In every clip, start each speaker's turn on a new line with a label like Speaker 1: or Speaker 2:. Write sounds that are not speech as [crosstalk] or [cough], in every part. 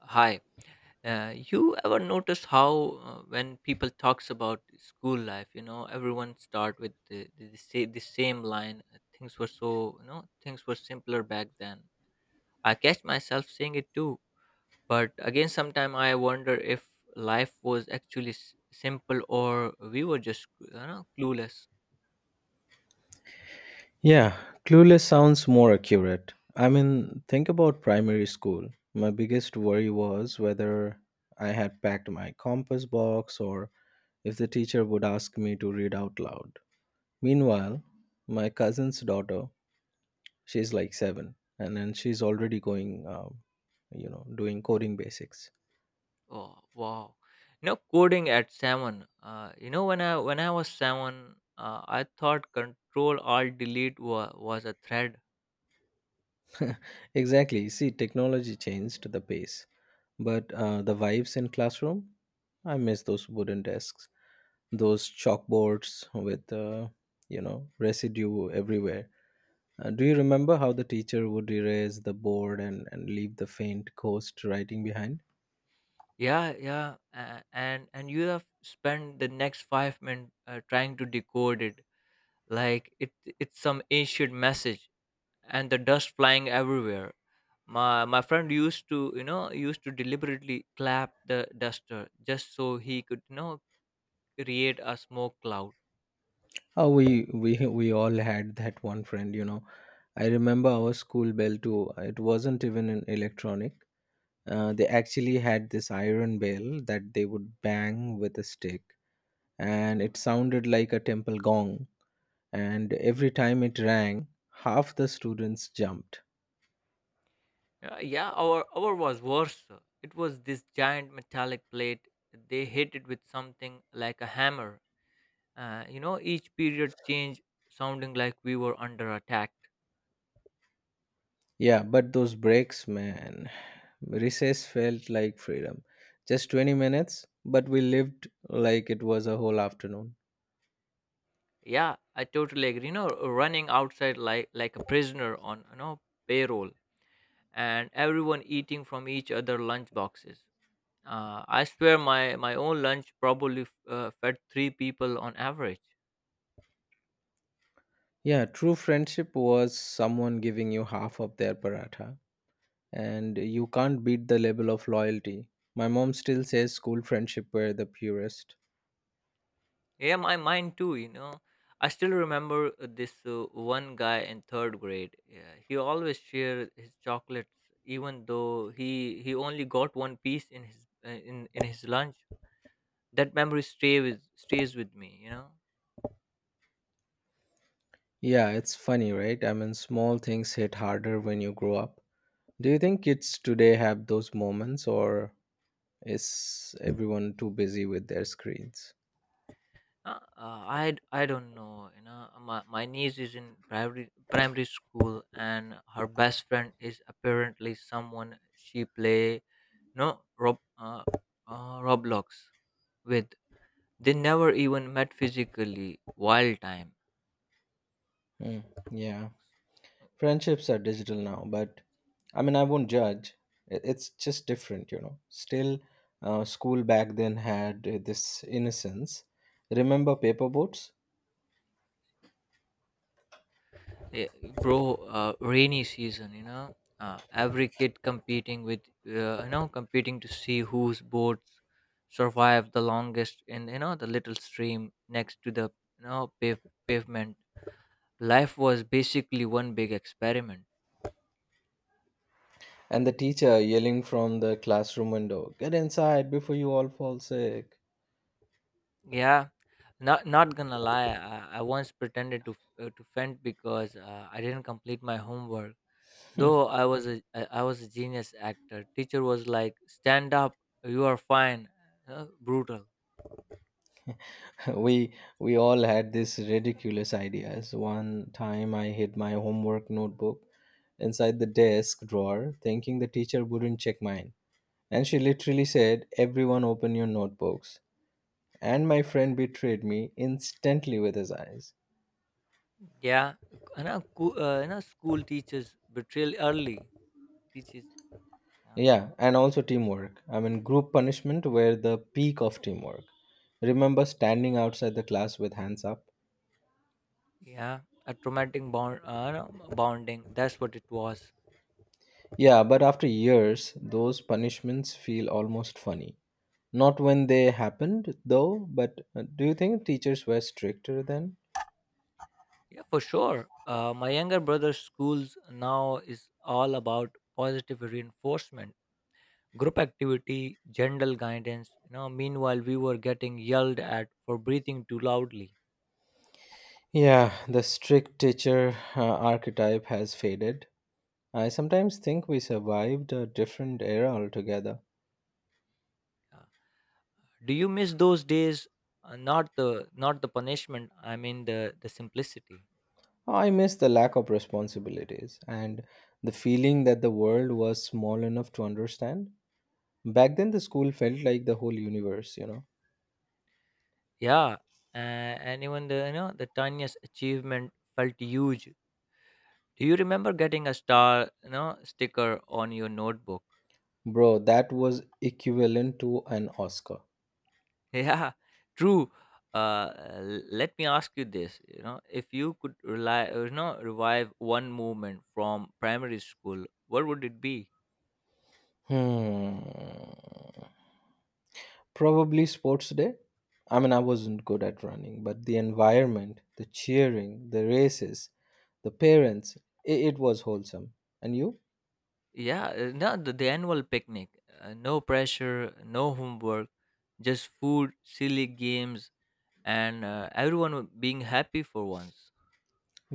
Speaker 1: Hi. You ever notice how when people talks about school life, you know, everyone start with the same line. Things were so, you know, things were simpler back then. I catch myself saying it too, but again, sometime I wonder if life was actually simple or we were just, you know, clueless.
Speaker 2: Yeah, clueless sounds more accurate. I mean, think about primary school. My biggest worry was whether I had packed my compass box or if the teacher would ask me to read out loud. Meanwhile, my cousin's daughter, she's like seven, and then she's already going, doing coding basics.
Speaker 1: Oh, wow. You know, coding at seven. You know, when I was seven, I thought Control Alt Delete was a thread.
Speaker 2: [laughs] Exactly. See, technology changed the pace, but the vibes in classroom, I miss those wooden desks. Those chalkboards with residue everywhere. Do you remember how the teacher would erase the board and leave the faint ghost writing behind?
Speaker 1: Yeah, yeah, and you have spent the next 5 minutes trying to decode it, like it's some ancient message, and the dust flying everywhere. My friend used to you know used to deliberately clap the duster just so he could you know create a smoke cloud.
Speaker 2: Oh, we [laughs] we all had that one friend. I remember our school bell too. It wasn't even an electronic. They actually had this iron bell that they would bang with a stick, and it sounded like a temple gong. And every time it rang, half the students jumped.
Speaker 1: Yeah, our was worse. It was this giant metallic plate. They hit it with something like a hammer. You know, each period change sounding like we were under attack.
Speaker 2: Yeah, but those breaks, man. Recess felt like freedom. Just 20 minutes, but we lived like it was a whole afternoon.
Speaker 1: Yeah, I totally agree. You know, running outside like a prisoner on you know payroll, and everyone eating from each other lunch boxes. I swear, my own lunch probably fed three people on average.
Speaker 2: Yeah, true friendship was someone giving you half of their paratha, and you can't beat the level of loyalty. My mom still says school friendship were the purest.
Speaker 1: Yeah, my mind too, you know. I still remember this one guy in 3rd grade. Yeah, he always shared his chocolates, even though he only got one piece in his in his lunch. That memory stay with stays with me, you know.
Speaker 2: Yeah, it's funny, right? I mean, small things hit harder when you grow up. Do you think kids today have those moments, or is everyone too busy with their screens?
Speaker 1: I don't know, you know. My niece is in primary school, and her best friend is apparently someone she play no Rob Roblox with. They never even met physically. Wild time.
Speaker 2: Mm, yeah. Friendships are digital now, but I mean, I won't judge. It's just different. Still, school back then had this innocence. Remember paper boats?
Speaker 1: Eh, Bro, rainy season, you know, every kid competing with you know competing to see whose boats survive the longest in, you know, the little stream next to the, you know, pavement. Life was basically one big experiment.
Speaker 2: And the teacher yelling from the classroom window, "Get inside before you all fall sick."
Speaker 1: Yeah, not gonna lie. I once pretended to faint because I didn't complete my homework. Though I was a genius actor, teacher was like, "Stand up, you are fine." Brutal.
Speaker 2: [laughs] we we all had these ridiculous ideas. One time, I hid my homework notebook inside the desk drawer, thinking the teacher wouldn't check mine. And she literally said, "Everyone open your notebooks." And my friend betrayed me instantly with his eyes.
Speaker 1: Yeah, and you know, school teachers betrayal early. Teachers, yeah,
Speaker 2: Yeah, and also teamwork. I mean, group punishment were the peak of teamwork. Remember standing outside the class with hands up?
Speaker 1: yeah, a traumatic bond, no, bonding. That's what it was.
Speaker 2: Yeah, but after years, those punishments feel almost funny. Not when they happened, though, but do you think teachers were stricter then?
Speaker 1: Yeah, for sure. My younger brother's schools now is all about positive reinforcement, group activity, general guidance. You know, meanwhile we were getting yelled at for breathing too loudly.
Speaker 2: Yeah, the strict teacher archetype has faded. I sometimes think we survived a different era altogether.
Speaker 1: Yeah. Do you miss those days? Not the punishment. I mean the simplicity.
Speaker 2: I miss the lack of responsibilities and the feeling that the world was small enough to understand. Back then, the school felt like the whole universe.
Speaker 1: Yeah, uh, and even the, you know, the tiniest achievement felt huge. Do you remember getting a star, you know, sticker on your notebook? [laughs]
Speaker 2: Bro, that was equivalent to an Oscar.
Speaker 1: Yeah, true. Let me ask you this. You know, if you could revive one movement from primary school, what would it be?
Speaker 2: Hmm. Probably sports day. I mean, I wasn't good at running, but the environment, the cheering, the races, the parents, it was wholesome. And you?
Speaker 1: Yeah, no, the annual picnic. No pressure, no homework, just food, silly games, and everyone being happy for once.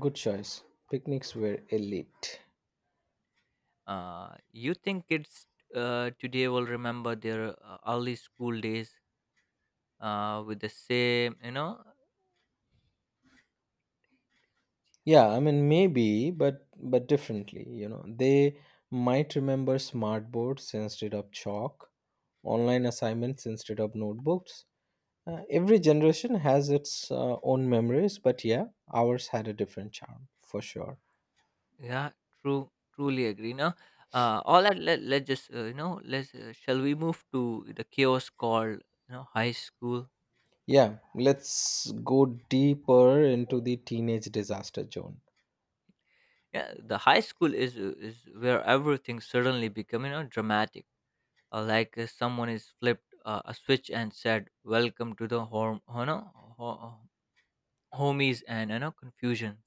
Speaker 2: Good choice. Picnics were elite.
Speaker 1: You think kids today will remember their early school days with the same, you know?
Speaker 2: Yeah, I mean maybe, but differently. They might remember smart boards instead of chalk, online assignments instead of notebooks. Every generation has its own memories, but yeah, ours had a different charm for sure.
Speaker 1: Yeah, true, truly agree. No, All that. Let's just, you know, let's. Shall we move to the chaos called, you know, high school?
Speaker 2: Yeah, let's go deeper into the teenage disaster zone.
Speaker 1: Yeah, the high school is where everything suddenly become, you know, dramatic, like someone is flipped a switch and said welcome to the home, you know, homies and, you know, confusions.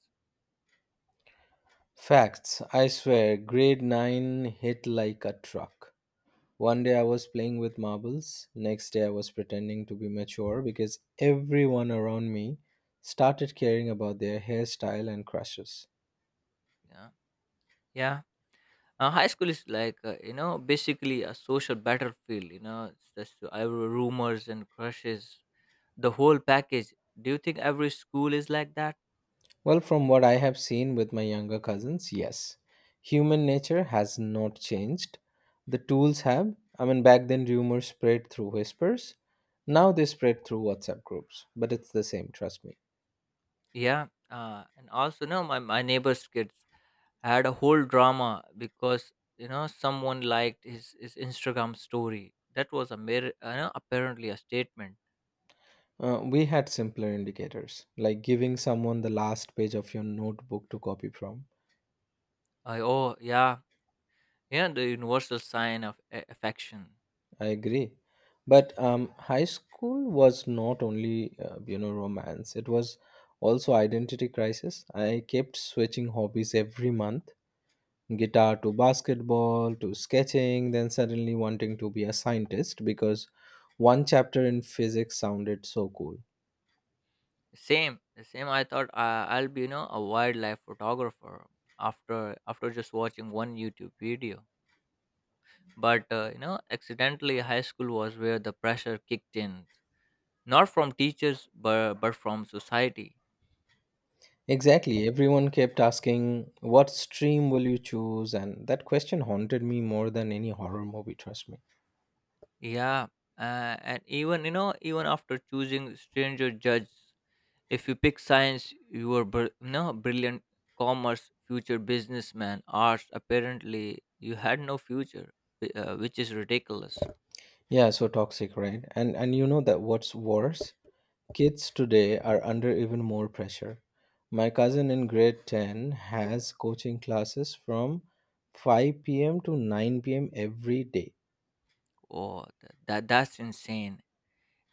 Speaker 2: Facts, I swear, grade 9 hit like a truck. One day I was playing with marbles, next day I was pretending to be mature because everyone around me started caring about their hairstyle and crushes.
Speaker 1: Yeah, yeah, high school is like, you know, basically a social battlefield, you know. It's just rumors and crushes, the whole package. Do you think every school is like that?
Speaker 2: Well, from what I have seen with my younger cousins, yes, human nature has not changed. The tools have. I mean, back then rumors spread through whispers, now they spread through WhatsApp groups, but it's the same, trust me.
Speaker 1: Yeah, and also no, my neighbor's kids had a whole drama because, you know, someone liked his Instagram story. That was a mere no, apparently a statement.
Speaker 2: We had simpler indicators, like giving someone the last page of your notebook to copy from.
Speaker 1: I oh yeah, yeah, the universal sign of affection.
Speaker 2: I agree. But high school was not only romance; it was also identity crisis. I kept switching hobbies every month: guitar to basketball to sketching. Then suddenly wanting to be a scientist because one chapter in physics sounded so cool.
Speaker 1: Same. I thought I'll be, you know, a wildlife photographer after just watching one YouTube video. But you know, accidentally high school was where the pressure kicked in, not from teachers but from society.
Speaker 2: Exactly. Everyone kept asking, "What stream will you choose?" And that question haunted me more than any horror movie. Trust me.
Speaker 1: Yeah, and even, you know, even after choosing stranger judge, if you pick science, you were you brilliant, commerce, future businessman, arts. Apparently, you had no future, which is ridiculous.
Speaker 2: Yeah, so toxic, right? And you know that what's worse? Kids today are under even more pressure. My cousin in grade 10 has coaching classes from 5 p.m. to 9 p.m. every day.
Speaker 1: Oh, that's insane.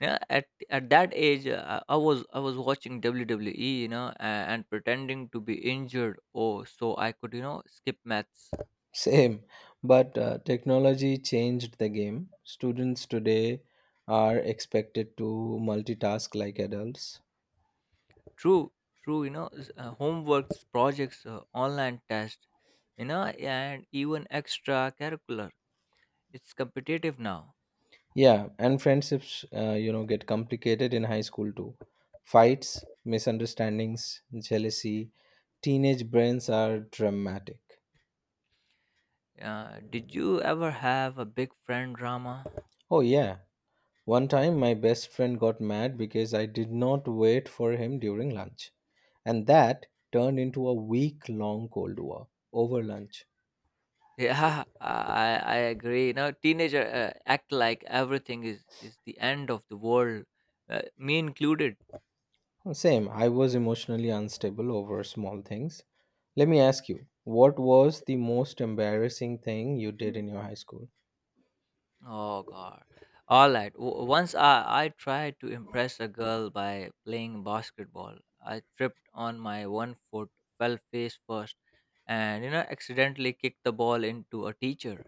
Speaker 1: Yeah, at that age, I was watching WWE, you know, and pretending to be injured. Oh, so I could, you know, skip maths.
Speaker 2: [laughs] Same, but technology changed the game. Students today are expected to multitask like adults.
Speaker 1: True, true. You know, homeworks, projects, online tests, you know, and even extra curricular. It's competitive now.
Speaker 2: Yeah, and friendships, get complicated in high school too. Fights, misunderstandings, jealousy. Teenage brains are dramatic.
Speaker 1: Did you ever have a big friend drama? [laughs]
Speaker 2: Oh, yeah. One time, my best friend got mad because I did not wait for him during lunch, and that turned into a week long cold war over lunch.
Speaker 1: Yeah, I agree. You know, teenager act like everything is the end of the world, me included.
Speaker 2: Same, I was emotionally unstable over small things. Let me ask you, what was the most embarrassing thing you did in your high school?
Speaker 1: Oh God. All right. I tried to impress a girl by playing basketball. I tripped on my one foot, fell face first, and you know, accidentally kicked the ball into a teacher.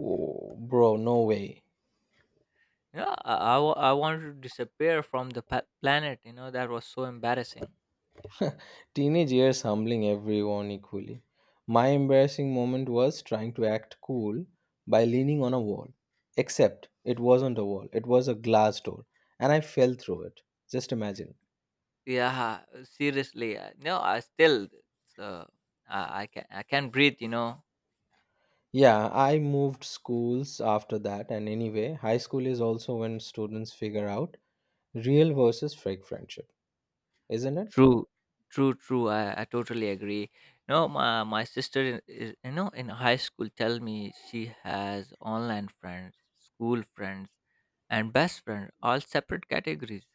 Speaker 2: Oh, bro, no way.
Speaker 1: You know, I wanted to disappear from the planet. You know, that was so embarrassing.
Speaker 2: Teenage years humbling everyone equally. My embarrassing moment was trying to act cool by leaning on a wall. Except it wasn't a wall, it was a glass door, and I fell through it. Just imagine.
Speaker 1: Yeah, seriously. No, I still uh, I can breathe, you know.
Speaker 2: Yeah, I moved schools after that, and anyway, high school is also when students figure out real versus fake friendship, isn't it?
Speaker 1: True, true, true. I totally agree. No, my sister in- is you know, in high school, tell me she has online friends, school friends, and best friend, all separate categories.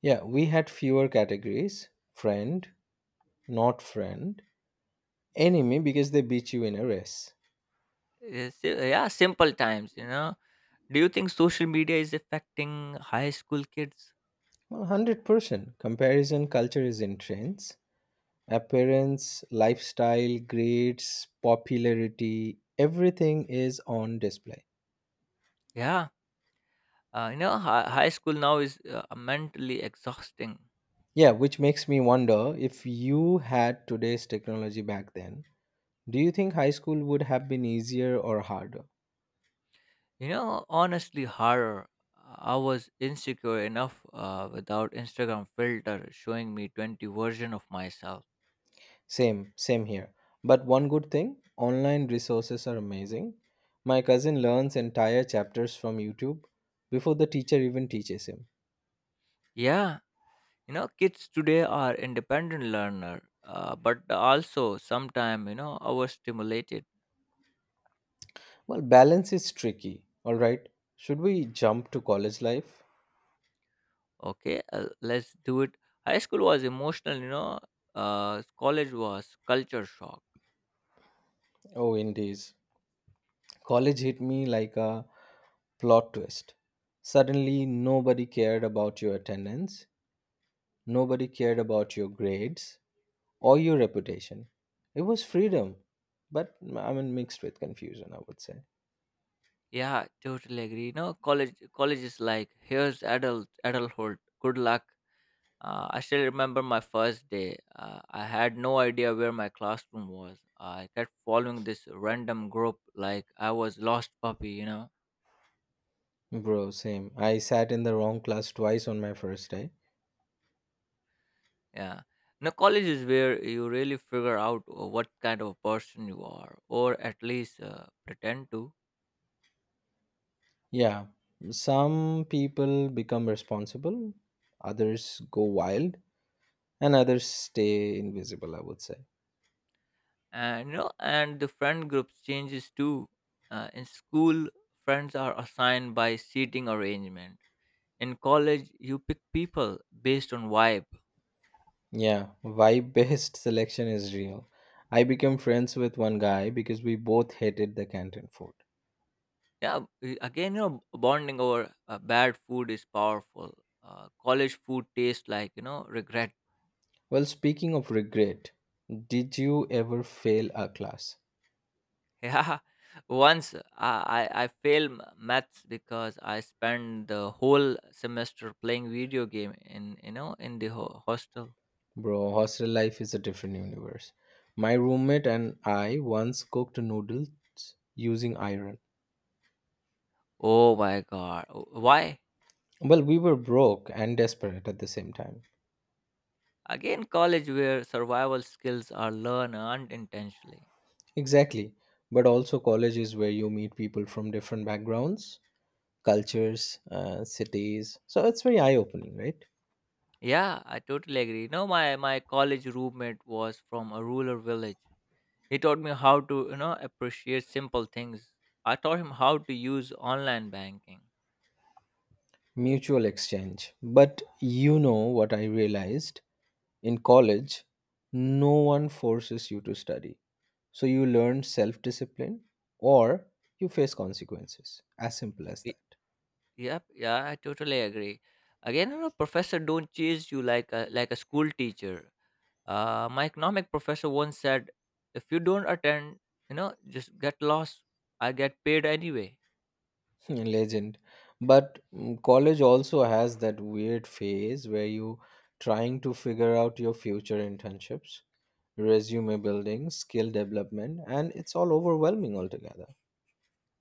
Speaker 2: Yeah, we had fewer categories: friend, not friend, enemy because they beat you in a race.
Speaker 1: Yeah, simple times, you know. Do you think social media is affecting high school kids?
Speaker 2: Well, 100%. Comparison culture is in trends. Appearance, lifestyle, grades, popularity, everything is on display.
Speaker 1: Yeah, you know, high school now is mentally exhausting.
Speaker 2: Yeah, which makes me wonder if you had today's technology back then, do you think high school would have been easier or harder?
Speaker 1: You know, honestly, horror. I was insecure enough without Instagram filter showing me 20 version of myself.
Speaker 2: Same, same here. But one good thing, online resources are amazing. My cousin learns entire chapters from YouTube before the teacher even teaches him.
Speaker 1: Yeah, you know, kids today are independent learner, but also sometime, you know, overstimulated.
Speaker 2: Well, balance is tricky. All right. Should we jump to college life?
Speaker 1: Okay, let's do it. High school was emotional, you know. College was culture shock.
Speaker 2: Oh, indeed. College hit me like a plot twist. Suddenly, nobody cared about your attendance, nobody cared about your grades or your reputation. It was freedom, but I mean, mixed with confusion, I would say.
Speaker 1: Yeah, totally agree. You know, college is like, here's adulthood. Good luck. I still remember my first day. I had no idea where my classroom was. I kept following this random group like I was lost puppy, you know?
Speaker 2: Bro, same. I sat in the wrong class twice on my first day.
Speaker 1: Yeah. Now, college is where you really figure out what kind of person you are, or at least pretend to.
Speaker 2: Yeah, some people become responsible, others go wild, and others stay invisible, I would say.
Speaker 1: And you know, and the friend groups changes too. In school, friends are assigned by seating arrangement. In college, you pick people based on vibe.
Speaker 2: Yeah, vibe based selection is real. I became friends with one guy because we both hated the canteen food.
Speaker 1: Yeah, again, you know, bonding over bad food is powerful. College food tastes like, you know, regret. [laughs]
Speaker 2: Well, speaking of regret, did you ever fail a class?
Speaker 1: Yeah, once I failed maths because I spent the whole semester playing video game in, you know, in the hostel.
Speaker 2: Bro, hostel life is a different universe. My roommate and I once cooked noodles using iron.
Speaker 1: Oh my god, why?
Speaker 2: Well, we were broke and desperate at the same time.
Speaker 1: Again, college where survival skills are learned unintentionally.
Speaker 2: Exactly. But also, college is where you meet people from different backgrounds, cultures, cities. So it's very eye opening, right?
Speaker 1: Yeah, I totally agree. You know, my college roommate was from a rural village. He taught me how to, you know, appreciate simple things. I taught him how to use online banking.
Speaker 2: Mutual exchange. But you know what I realized in college? No one forces you to study. So you learn self discipline or you face consequences. As simple as
Speaker 1: Y-
Speaker 2: that. [laughs]
Speaker 1: Yep, yeah, I totally agree. Again, you know, professor don't chase you like a school teacher. My economic professor once said, if you don't attend, you know, just get lost. I get paid anyway.
Speaker 2: Hmm, Legend. But college also has that weird phase where you trying to figure out your future internships, resume building, skill development, and it's all overwhelming altogether.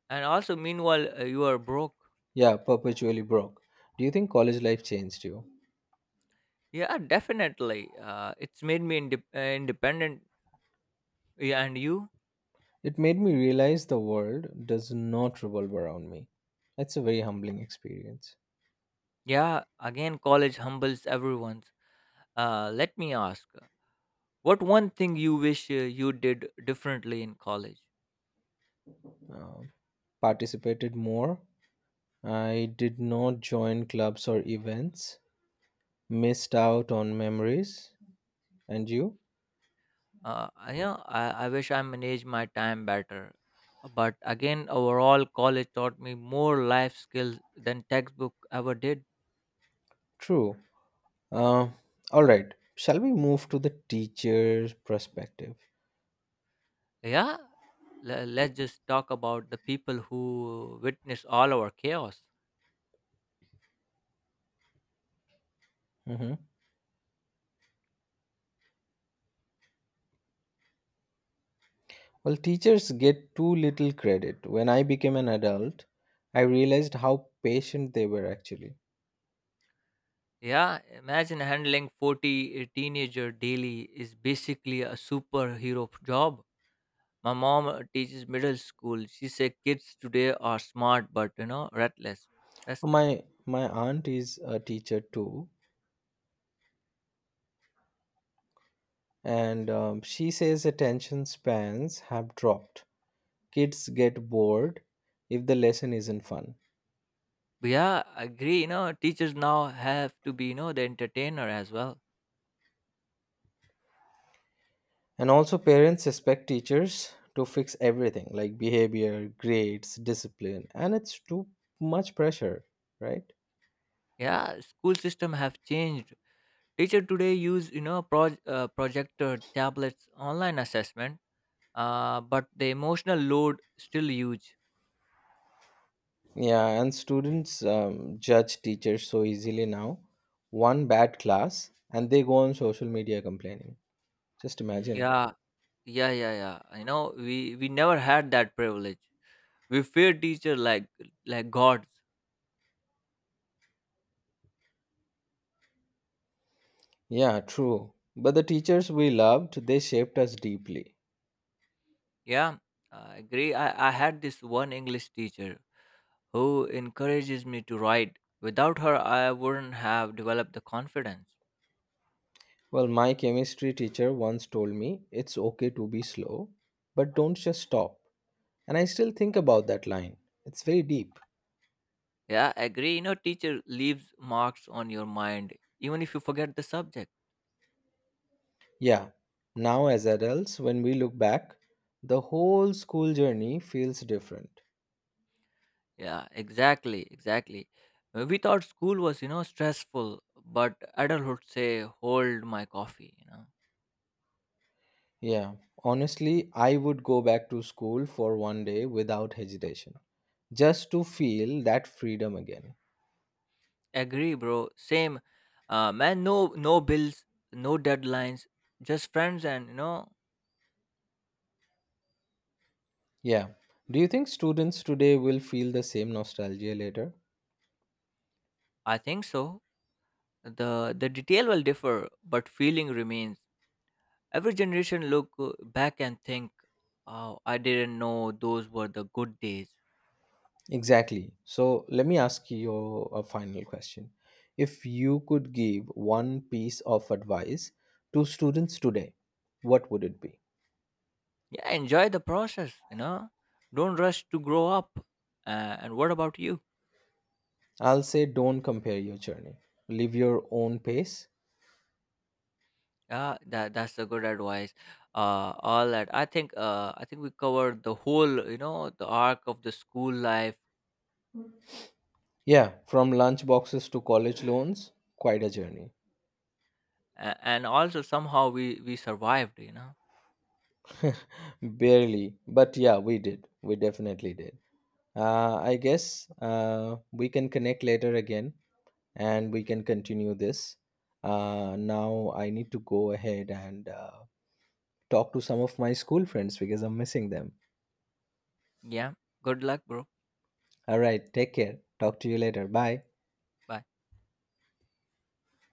Speaker 1: And also, meanwhile, you are broke.
Speaker 2: Yeah, perpetually broke. Do you think college life changed you?
Speaker 1: Yeah, definitely. It's made me independent. Yeah, and you?
Speaker 2: It made me realize the world does not revolve around me. That's a very humbling experience.
Speaker 1: Yeah, again, college humbles everyone. Let me ask, what one thing you wish you did differently in college?
Speaker 2: Um, Participated more. I did not join clubs or events. Missed out on memories. And you?
Speaker 1: You know, I wish I managed my time better. But again, overall, college taught me more life skills than textbook ever did.
Speaker 2: True. Uh, all right. Shall we move to the teacher's perspective?
Speaker 1: Yeah, let's just talk about the people who witness all our chaos.
Speaker 2: Mhm. Well, teachers get too little credit. When I became an adult, I realized how patient they were actually.
Speaker 1: Yeah, imagine handling 40 teenager daily is basically a superhero job. My mom teaches middle school. She said kids today are smart but, you know, restless, restless.
Speaker 2: My aunt is a teacher too, and she says attention spans have dropped. Kids get bored if the lesson isn't fun.
Speaker 1: But yeah, I agree. You know, teachers now have to be, you know, the entertainer as well.
Speaker 2: And also parents expect teachers to fix everything like behavior, grades, discipline, and it's too much pressure, right?
Speaker 1: Yeah, school system have changed. Teacher today use, you know, projector, tablets, online assessment. But the emotional load still huge.
Speaker 2: Yeah, and students judge teachers so easily now. One bad class, and they go on social media complaining. Just imagine.
Speaker 1: Yeah, yeah, yeah, yeah. You know, we never had that privilege. We fear teacher like gods.
Speaker 2: Yeah, true. But the teachers we loved, they shaped us deeply.
Speaker 1: Yeah, I agree. I had this one English teacher who encourages me to write. Without her, I wouldn't have developed the confidence.
Speaker 2: Well, my chemistry teacher once told me it's okay to be slow, but don't just stop. And I still think about that line. It's very deep.
Speaker 1: Yeah, I agree. You know, teacher leaves marks on your mind, even if you forget the subject.
Speaker 2: Yeah, now as adults, when we look back, the whole school journey feels different.
Speaker 1: Yeah, exactly, exactly. We thought school was, you know, stressful, but adulthood say, hold my coffee, you know.
Speaker 2: Yeah, honestly, I would go back to school for one day without hesitation, just to feel that freedom again.
Speaker 1: Agree, bro. Same. Man, no, no bills, no deadlines, just friends and, you know,
Speaker 2: Yeah. Do you think students today will feel the same nostalgia later?
Speaker 1: I think so. The detail will differ, but feeling remains. Every generation look back and think, oh, I didn't know those were the good days.
Speaker 2: Exactly. So let me ask you a final question. If you could give one piece of advice to students today, what would it be?
Speaker 1: Yeah, enjoy the process, you know. Don't rush to grow up. And what about you?
Speaker 2: I'll say don't compare your journey. Live your own pace.
Speaker 1: Yeah, that's a good advice. All that I think. I think we covered the whole, you know, the arc of the school life,
Speaker 2: Yeah, from lunch boxes to college loans, quite a journey.
Speaker 1: and also somehow we survived. You know.
Speaker 2: [laughs] Barely, but yeah, we did. We definitely did. I guess we can connect later again and we can continue this. Now I need to go ahead and talk to some of my school friends because I'm missing them.
Speaker 1: Yeah. Good luck, bro.
Speaker 2: All right, take care. Talk to you later. Bye.
Speaker 1: Bye.